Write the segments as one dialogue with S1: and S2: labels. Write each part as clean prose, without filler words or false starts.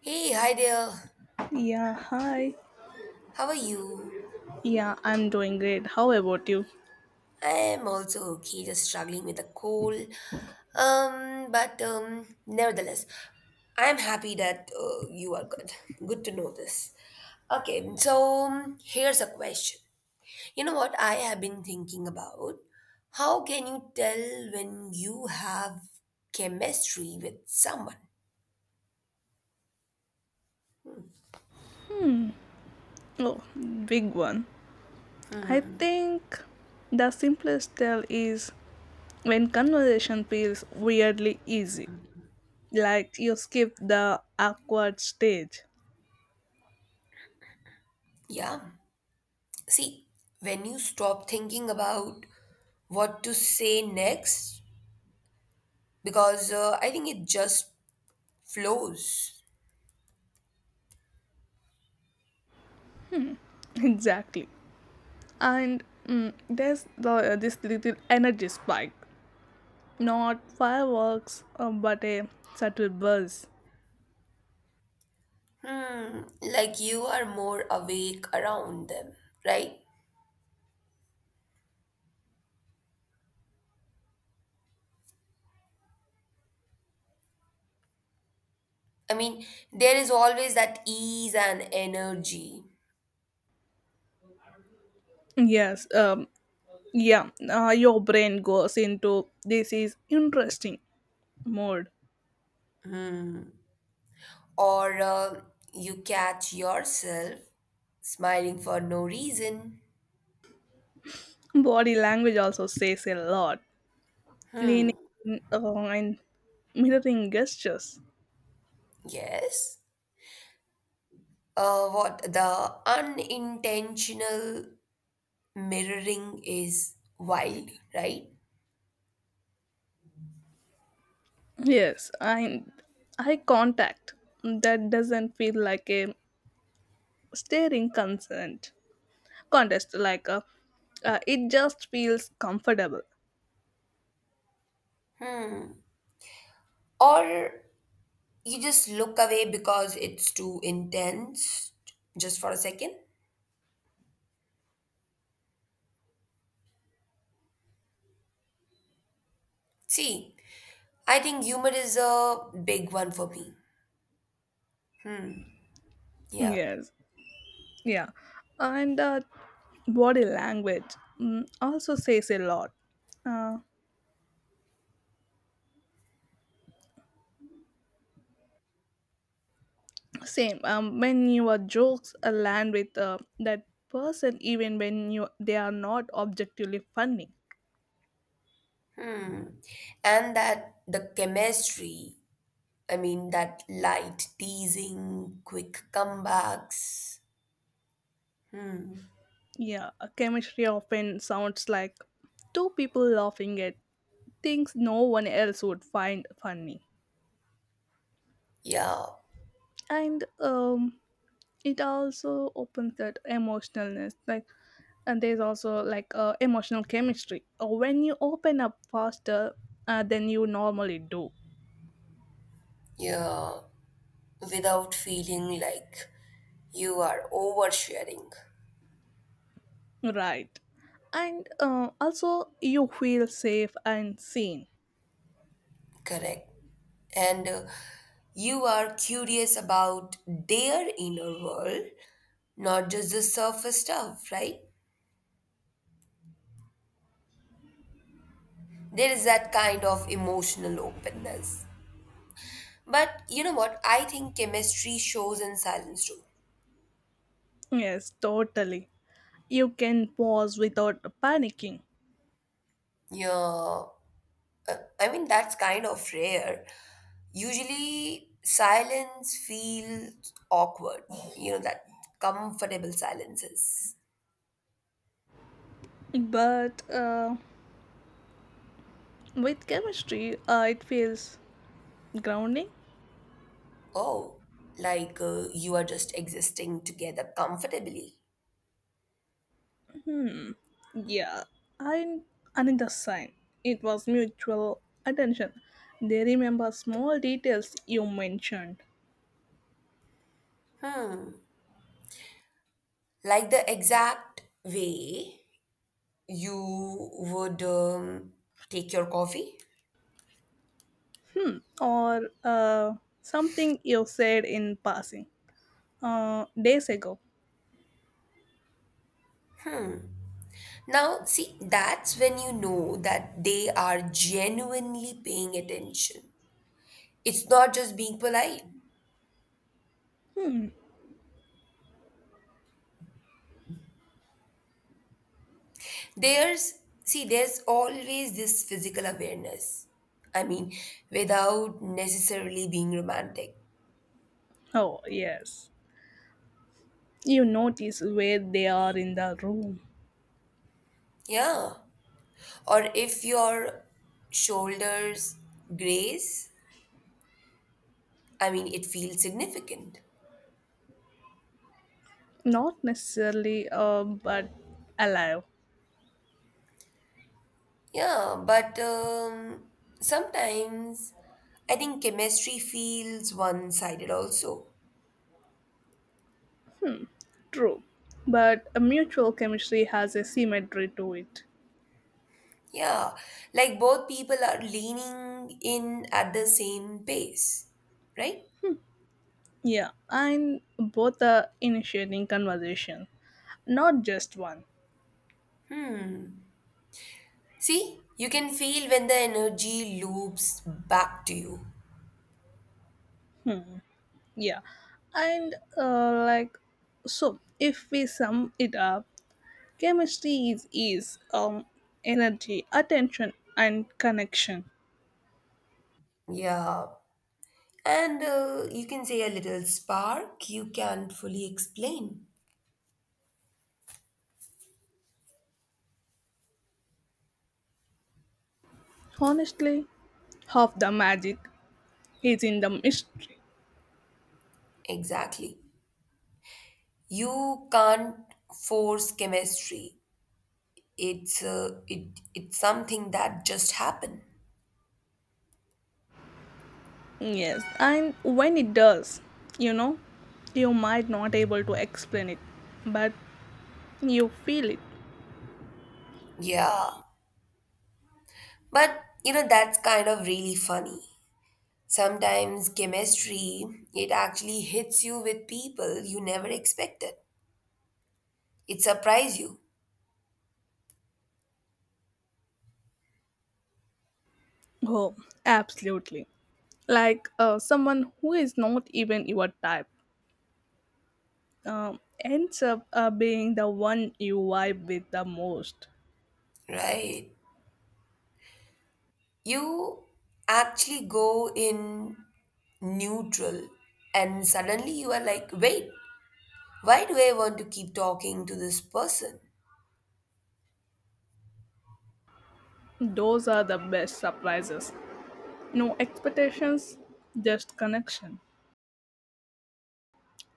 S1: Hey, hi there.
S2: Yeah, hi.
S1: How are you?
S2: Yeah, I'm doing great. How about you?
S1: I'm also okay, just struggling with a cold. But nevertheless, I'm happy that you are good. Good to know this. Okay, so here's a question. You know what I have been thinking about? How can you tell when you have chemistry with someone?
S2: Oh, big one. I think the simplest tell is when conversation feels weirdly easy, like you skip the awkward stage.
S1: Yeah. See, when you stop thinking about what to say next because I think it just flows.
S2: Exactly. And there's this little energy spike. Not fireworks, but a subtle buzz.
S1: Like you are more awake around them, right? I mean, there is always that ease and energy,
S2: Yes, yeah, your brain goes into this is interesting mode.
S1: or you catch yourself smiling for no reason.
S2: Body language also says a lot, leaning along and mirroring gestures.
S1: Yes. What the unintentional mirroring is wild, right?
S2: Yes, and eye contact that doesn't feel like a staring consent contest like a it just feels comfortable.
S1: Or you just look away because it's too intense just for a second. See, I think humor is a big one for me. Yeah.
S2: Yes, yeah, and body language also says a lot. Uh, same when your jokes land with that person even when you they are not objectively funny.
S1: mm. And that the chemistry, I mean that light teasing quick comebacks. Hmm.
S2: Yeah, chemistry often sounds like two people laughing at things no one else would find funny.
S1: Yeah,
S2: And it also opens that emotionalness, like and there's also emotional chemistry. When you open up faster than you normally do.
S1: yeah, without feeling like you are oversharing.
S2: Right. And also, you feel safe and seen.
S1: Correct. And you are curious about their inner world. Not just the surface stuff, right? There is that kind of emotional openness. But you know what? I think chemistry shows in silence too.
S2: Yes, totally. You can pause without panicking.
S1: Yeah, I mean, that's kind of rare. Usually, silence feels awkward, that comfortable silences.
S2: But with chemistry, it feels grounding.
S1: Oh, like you are just existing together comfortably.
S2: Hmm. Yeah. And another sign. It was mutual attention. They remember small details you mentioned,
S1: Like the exact way you would take your coffee.
S2: or something you said in passing days ago.
S1: Now, see, that's when you know that they are genuinely paying attention. It's not just being polite.
S2: Hmm.
S1: There's, See, there's always this physical awareness. I mean, without necessarily being romantic.
S2: Oh, yes. You notice where they are in the room,
S1: Yeah. Or if your shoulders graze, I mean, it feels significant.
S2: not necessarily but alive.
S1: Yeah, but sometimes I think chemistry feels one sided also.
S2: True, but a mutual chemistry has a symmetry to it.
S1: Yeah, like both people are leaning in at the same pace, right?
S2: Yeah, and both are initiating conversation, not just one.
S1: See, you can feel when the energy loops back to you.
S2: Hmm. Yeah, and like so if we sum it up, chemistry is ease, energy, attention, and connection.
S1: Yeah, and you can say a little spark you can't fully explain.
S2: Honestly, half the magic is in the mystery.
S1: Exactly. You can't force chemistry. It's something that just happened.
S2: Yes, and when it does, you know, you might not able to explain it, but you feel it.
S1: Yeah. But that's kind of really funny. Sometimes chemistry, it actually hits you with people you never expected. It surprised you.
S2: Oh, absolutely. Someone who is not even your type uh, ends up being the one you vibe with the most.
S1: Right. You actually go in neutral and suddenly you are like, wait, why do I want to keep talking to this person.
S2: Those are the best surprises. No expectations, just connection.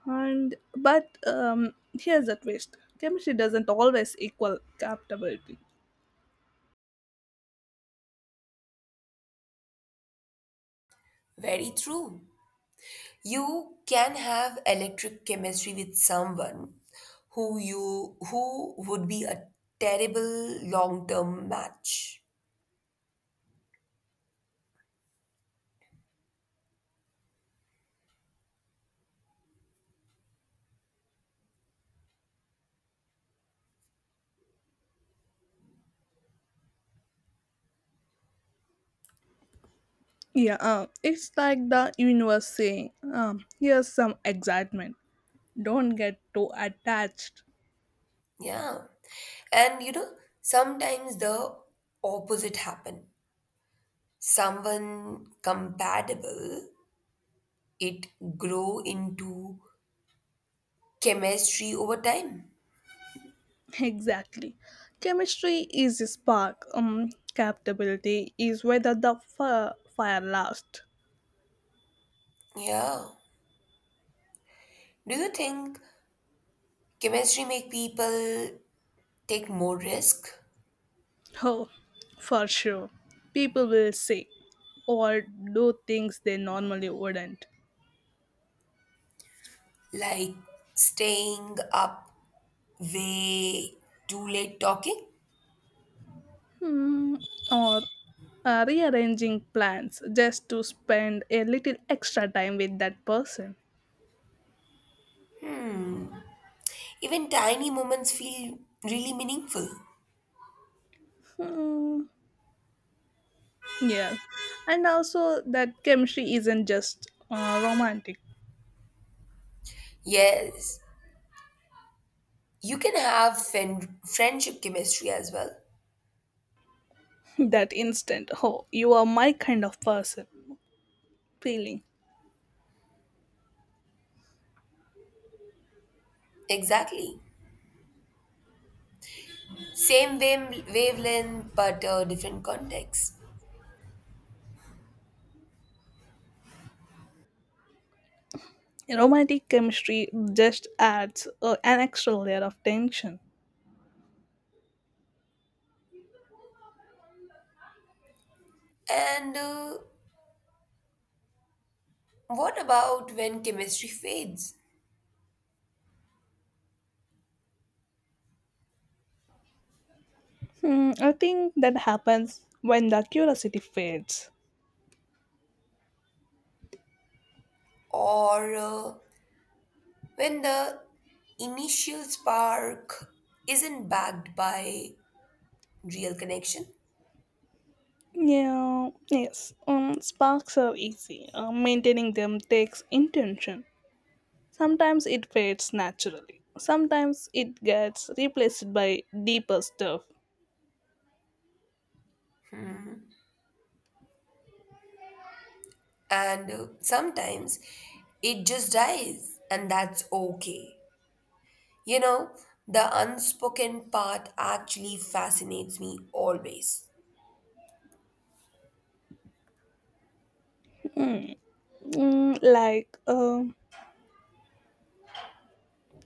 S2: And but here's the twist: chemistry doesn't always equal compatibility.
S1: Very true. You can have electric chemistry with someone who would be a terrible long term match.
S2: Yeah, it's like the universe saying, here's some excitement. Don't get too attached.
S1: Yeah. And sometimes the opposite happen. Someone compatible, it grow into chemistry over time.
S2: Exactly. Chemistry is a spark. Captability is whether the fire lasts.
S1: Yeah. Do you think chemistry make people take more risk,
S2: Oh, for sure. People will say or do things they normally wouldn't.
S1: like staying up way too late talking?
S2: Hmm, or rearranging plans just to spend a little extra time with that person.
S1: Hmm. Even tiny moments feel really meaningful.
S2: Hmm. Yes. And also, that chemistry isn't just romantic.
S1: Yes, you can have friendship chemistry as well.
S2: That instant, oh, you are my kind of person feeling.
S1: Exactly. Same wavelength, but different context.
S2: Romantic chemistry just adds an extra layer of tension.
S1: And what about when chemistry fades?
S2: Hmm, I think that happens when the curiosity fades.
S1: Or when the initial spark isn't backed by real connection?
S2: Yeah, yes. Sparks are easy. Maintaining them takes intention. Sometimes it fades naturally. Sometimes it gets replaced by deeper stuff.
S1: And sometimes it just dies and that's okay. you know the unspoken part actually fascinates me always.
S2: Mm, like uh,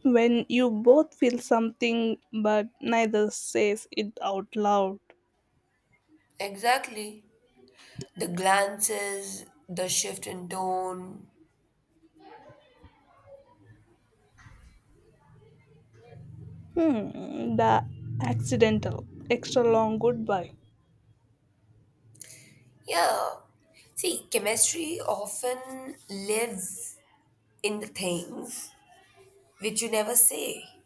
S2: when you both feel something but neither says it out loud.
S1: Exactly. The glances, the shift in tone.
S2: Hmm, the accidental, extra long goodbye.
S1: Yeah. See, chemistry often lives in the things which you never say.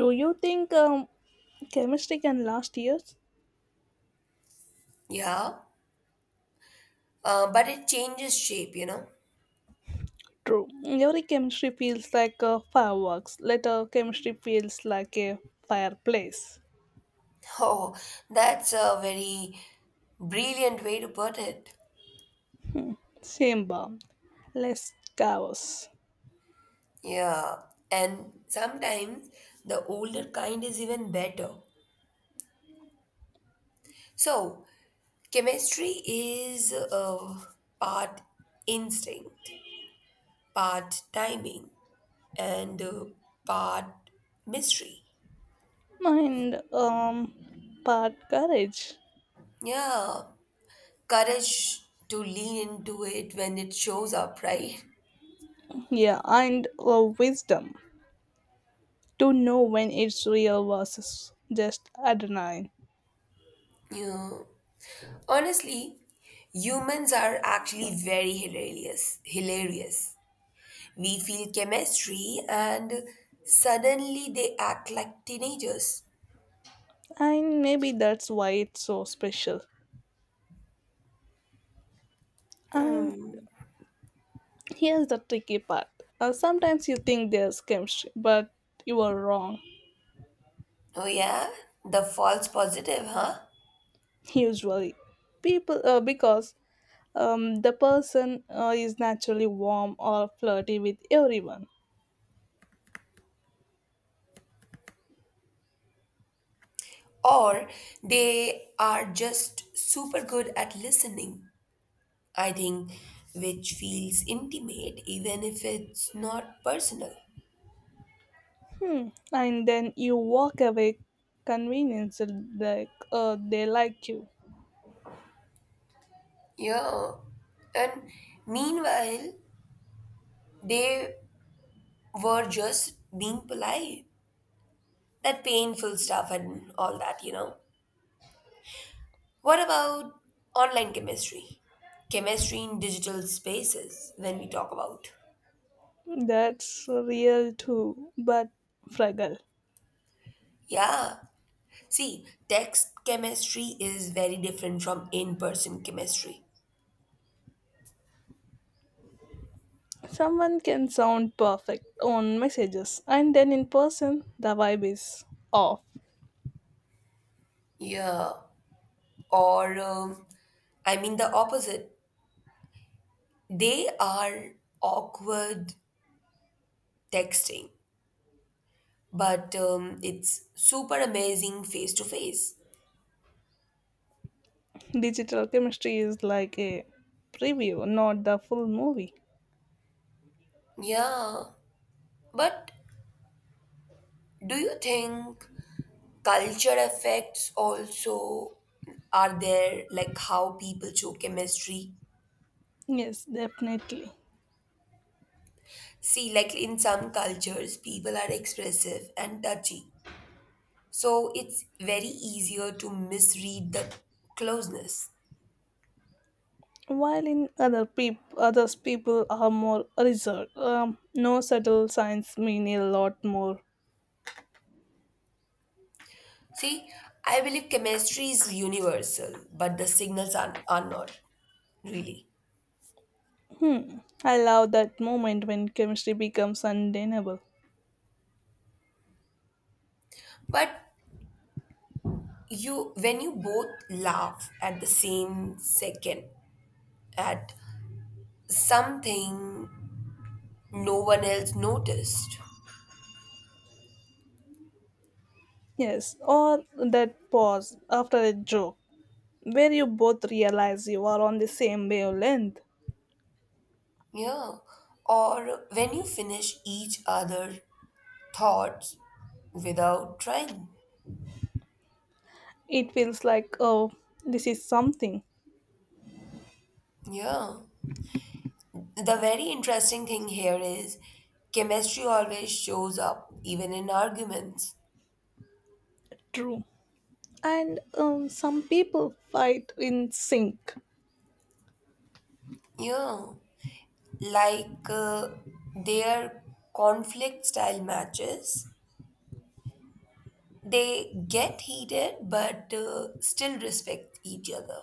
S2: Do you think chemistry can last years?
S1: Yeah, but it changes shape.
S2: True. Every chemistry feels like a fireworks. Later, chemistry feels like a fireplace,
S1: Oh, that's a very brilliant way to put it.
S2: chamber, less chaos,
S1: Yeah, and sometimes the older kind is even better. So, chemistry is part instinct, part timing, and part mystery.
S2: and part courage.
S1: Yeah, courage to lean into it when it shows up, right?
S2: Yeah, and wisdom. To know when it's real versus just adrenaline.
S1: Yeah. Honestly, humans are actually very hilarious. Hilarious. We feel chemistry and suddenly they act like teenagers.
S2: And maybe that's why it's so special. And here's the tricky part. Sometimes you think there's chemistry, but you are wrong.
S1: Oh, yeah? The false positive, huh?
S2: Usually, people because the person is naturally warm or flirty with everyone.
S1: Or they are just super good at listening, I think, which feels intimate even if it's not personal.
S2: Hmm. And then you walk away convinced that they like you.
S1: Yeah. And meanwhile, they were just being polite. That painful stuff and all that. What about online chemistry? Chemistry in digital spaces, when we talk about.
S2: That's real too, but fragile.
S1: Yeah. See, text chemistry is very different from in person chemistry.
S2: Someone can sound perfect on messages, and then in person, the vibe is off.
S1: Yeah. Or, I mean, the opposite. They are awkward texting, but it's super amazing face to face.
S2: Digital chemistry is like a preview, not the full movie.
S1: Yeah. But do you think culture effects also are there, like how people show chemistry?
S2: Yes, definitely.
S1: See, like in some cultures, people are expressive and touchy. So it's very easier to misread the closeness.
S2: While in others people are more reserved. No subtle signs mean a lot more.
S1: See, I believe chemistry is universal, but the signals are not really.
S2: Hmm. I love that moment when chemistry becomes undeniable.
S1: But you When you both laugh at the same second at something no one else noticed.
S2: Yes, or that pause after a joke where you both realize you are on the same wavelength.
S1: Yeah. Or when you finish each other thoughts without trying.
S2: It feels like, oh, this is something
S1: Yeah. The very interesting thing here is chemistry always shows up even in arguments.
S2: true. And some people fight in sync
S1: Yeah. Like their conflict style matches, they get heated but still respect each other.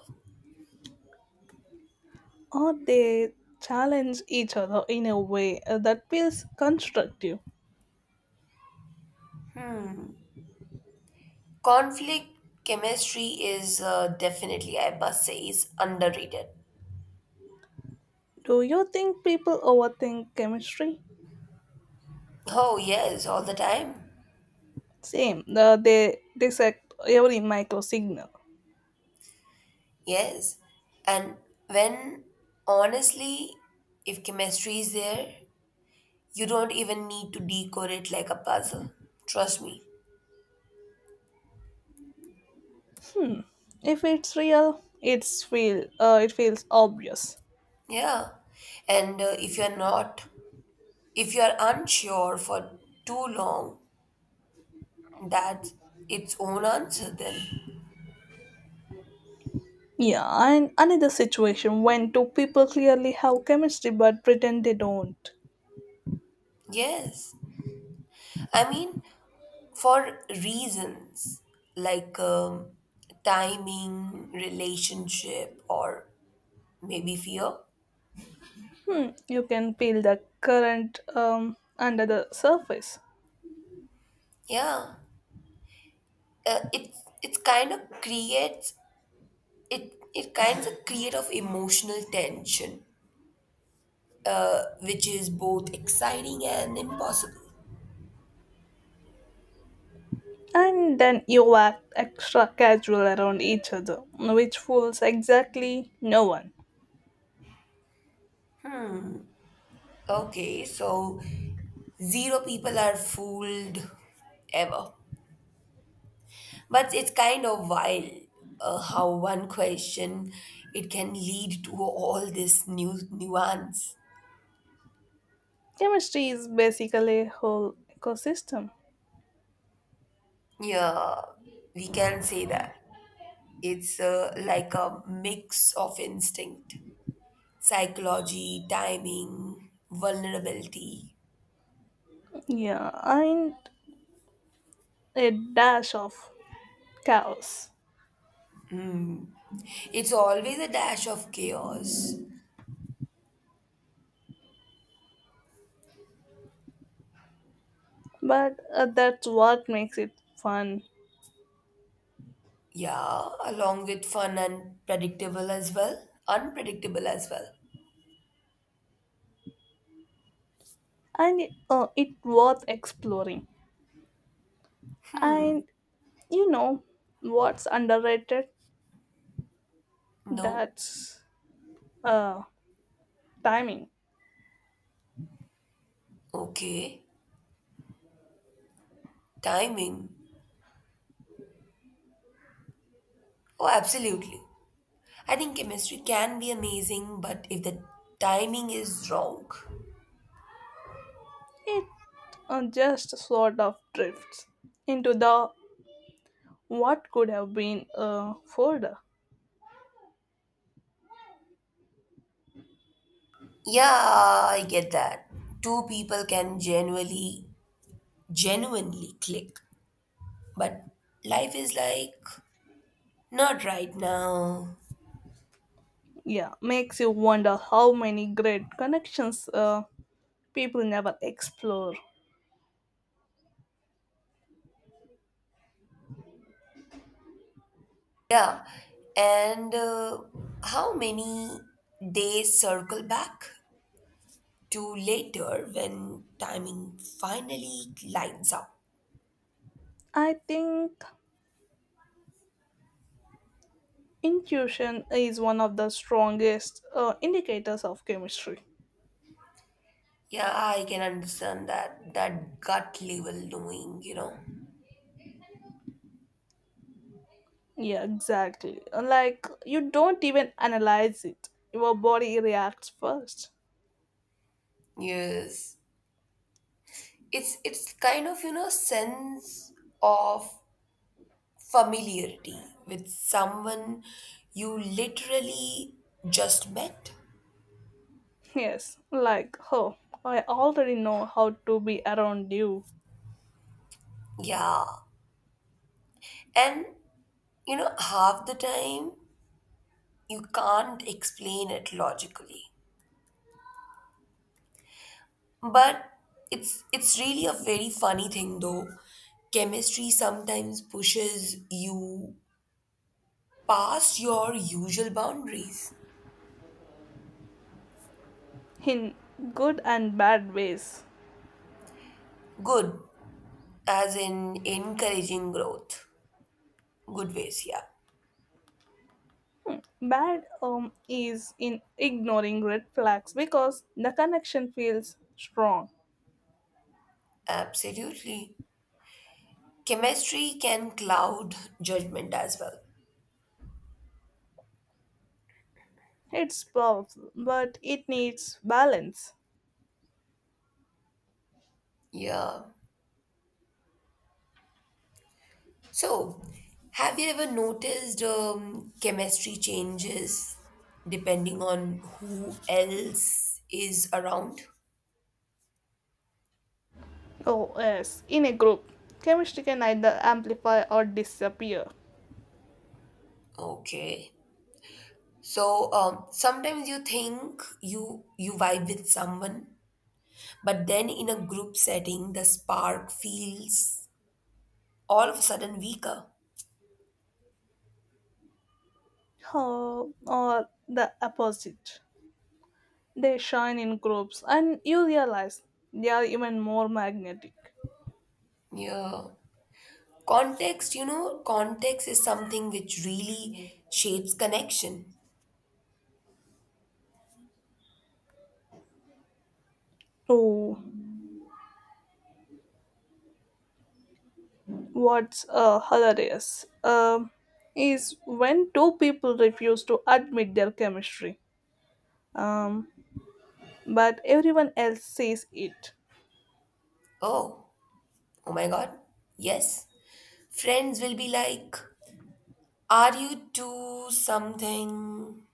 S2: or they challenge each other in a way that feels constructive.
S1: Conflict chemistry is definitely, I must say, is underrated.
S2: Do you think people overthink chemistry?
S1: Oh, yes, all the time.
S2: Same, they dissect every micro signal.
S1: Yes. And when, honestly, if chemistry is there, you don't even need to decode it like a puzzle. Trust me.
S2: If it's real, it feels obvious.
S1: Yeah. And if you're not, if you're unsure for too long, that's its own answer then.
S2: Yeah, and another situation when two people clearly have chemistry but pretend they don't.
S1: Yes. I mean, for reasons like timing, relationship, or maybe fear.
S2: Hmm, you can feel the current under the surface.
S1: Yeah. It's kind of creates, it kinds of create of emotional tension, which is both exciting and impossible.
S2: And then you act extra casual around each other, which fools exactly no one.
S1: Okay, so zero people are fooled ever. But it's kind of wild how one question, it can lead to all this new nuance.
S2: Chemistry is basically a whole ecosystem.
S1: Yeah, we can say that it's like a mix of instinct, psychology, timing, vulnerability.
S2: Yeah, and a dash of chaos.
S1: It's always a dash of chaos.
S2: But that's what makes it fun.
S1: Yeah, along with fun and predictable as well. Unpredictable as well.
S2: And it's worth exploring. And you know what's underrated?
S1: No?
S2: That's uh, timing.
S1: Okay. Timing. Oh, absolutely. I think chemistry can be amazing, but if the timing is wrong.
S2: It just sort of drifts into the what could have been folder.
S1: Yeah, I get that. Two people can genuinely, genuinely click. But life is like, not right now.
S2: Yeah, makes you wonder how many great connections people never explore.
S1: Yeah, and how many days circle back to later when timing finally lines up.
S2: I think intuition is one of the strongest indicators of chemistry.
S1: Yeah, I can understand that, that gut level knowing.
S2: Yeah, exactly. Like you don't even analyze it. Your body reacts first.
S1: Yes. It's kind of, sense of familiarity with someone you literally just met.
S2: Yes, like, oh, I already know how to be around you
S1: Yeah. And half the time you can't explain it logically, but it's really a very funny thing, though chemistry sometimes pushes you past your usual boundaries.
S2: in good and bad ways.
S1: Good, as in encouraging growth, good ways. Yeah.
S2: Bad is in ignoring red flags because the connection feels strong.
S1: Absolutely, chemistry can cloud judgment as well.
S2: It's powerful, but it needs balance.
S1: Yeah. So, have you ever noticed chemistry changes depending on who else is around?
S2: Oh yes, in a group, chemistry can either amplify or disappear.
S1: Okay. So, sometimes you think you vibe with someone, but then in a group setting, the spark feels all of a sudden weaker.
S2: Oh, or the opposite. They shine in groups and you realize they are even more magnetic.
S1: Yeah. Context is something which really shapes connection.
S2: Oh, what's hilarious is when two people refuse to admit their chemistry, um, but everyone else sees it.
S1: Oh, oh my God. Yes. Friends will be like, are you to something?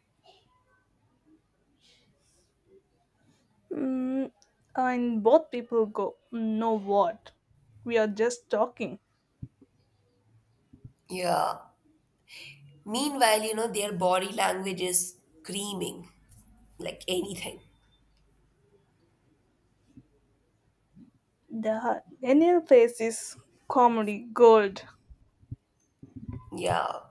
S2: Mm, and both people go, no, what? We are just talking.
S1: Yeah. Meanwhile, their body language is screaming like anything.
S2: The Daniel face is comedy gold.
S1: Yeah.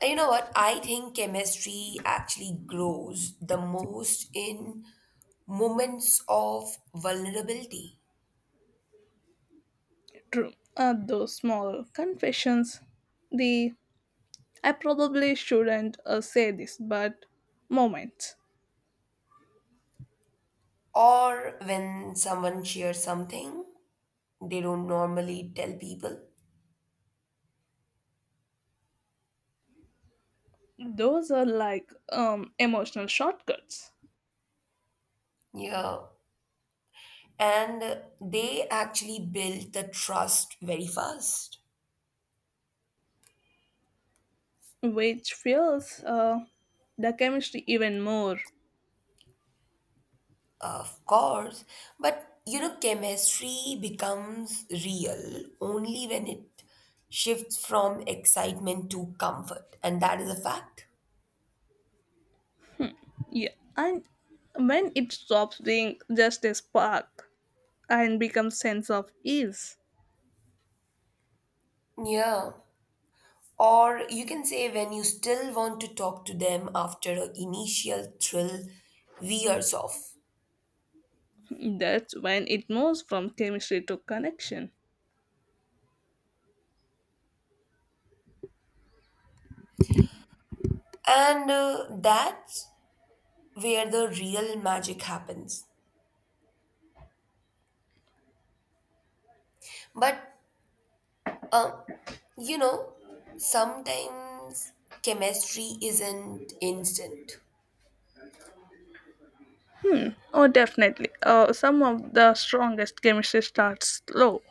S1: And you know what? I think chemistry actually grows the most in moments of vulnerability,
S2: True. Those small confessions, the I probably shouldn't say this, but moments,
S1: or when someone shares something they don't normally tell people.
S2: those are like emotional shortcuts,
S1: Yeah. And they actually build the trust very fast.
S2: which fuels the chemistry even more.
S1: Of course, but chemistry becomes real only when it shifts from excitement to comfort, and that is a fact.
S2: Yeah, and when it stops being just a spark and becomes sense of ease,
S1: Yeah. Or you can say when you still want to talk to them after an initial thrill wears off.
S2: that's when it moves from chemistry to connection.
S1: And that's where the real magic happens. But, um, you know, sometimes chemistry isn't instant.
S2: Oh, definitely. Some of the strongest chemistry starts slow.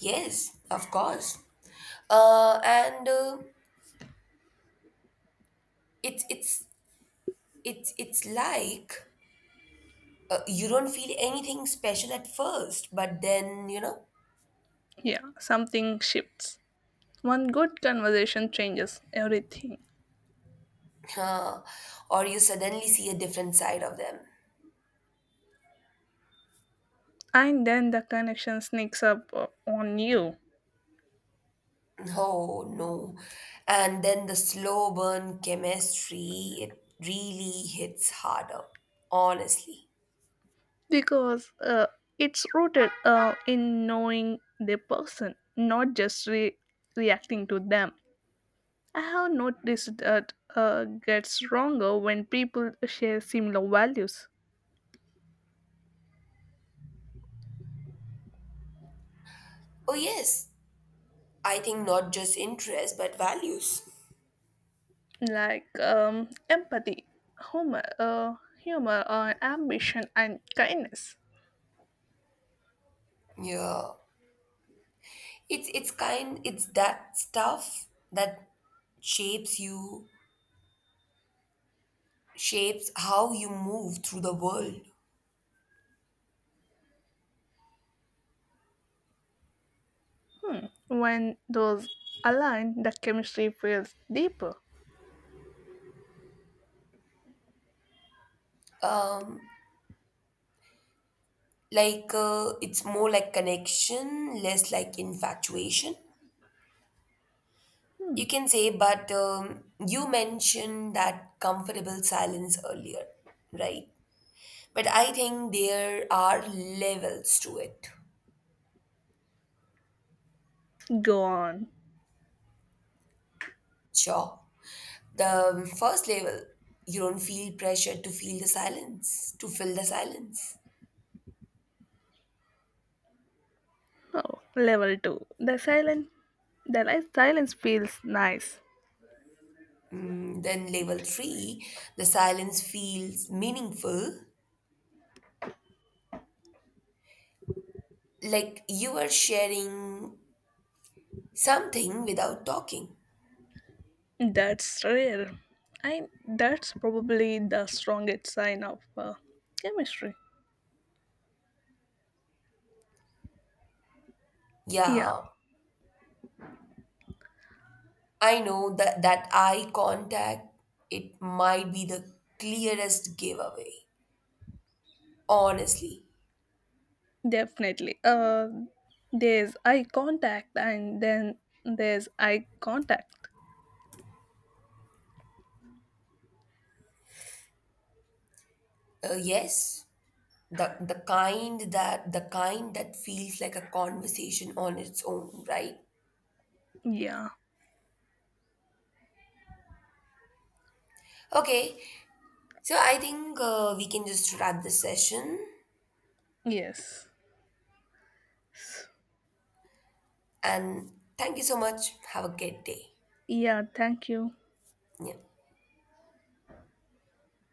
S1: Yes, of course. And it's it's it's like, you don't feel anything special at first, but then.
S2: Yeah, something shifts. One good conversation changes everything,
S1: uh, or you suddenly see a different side of them.
S2: and then the connection sneaks up on you.
S1: Oh no! And then the slow burn chemistry, it really hits harder, honestly.
S2: Because it's rooted in knowing the person, not just reacting to them. I have noticed that gets stronger when people share similar values
S1: Oh yes, I think not just interest but values.
S2: like empathy, humor, ambition, and kindness.
S1: Yeah. It's that stuff that shapes you, shapes how you move through the world.
S2: Hmm. When those align, the chemistry feels deeper.
S1: Um, like, it's more like connection, less like infatuation.
S2: Hmm.
S1: You can say, but you mentioned that comfortable silence earlier, right? But I think there are levels to it.
S2: Go on.
S1: Sure. The first level, you don't feel pressure to fill the silence.
S2: Oh, level two. The silence feels nice.
S1: Then level three, the silence feels meaningful, like you are sharing something without talking.
S2: That's rare. I that's probably the strongest sign of chemistry. Yeah,
S1: Yeah, I know that that eye contact, it might be the clearest giveaway. Honestly,
S2: definitely. There's eye contact, and then there's eye contact.
S1: yes, the kind that feels like a conversation on its own, right?
S2: Yeah.
S1: Okay, so I think we can just wrap this session.
S2: Yes.
S1: And thank you so much. Have a great day.
S2: Yeah. Thank you.
S1: Нет.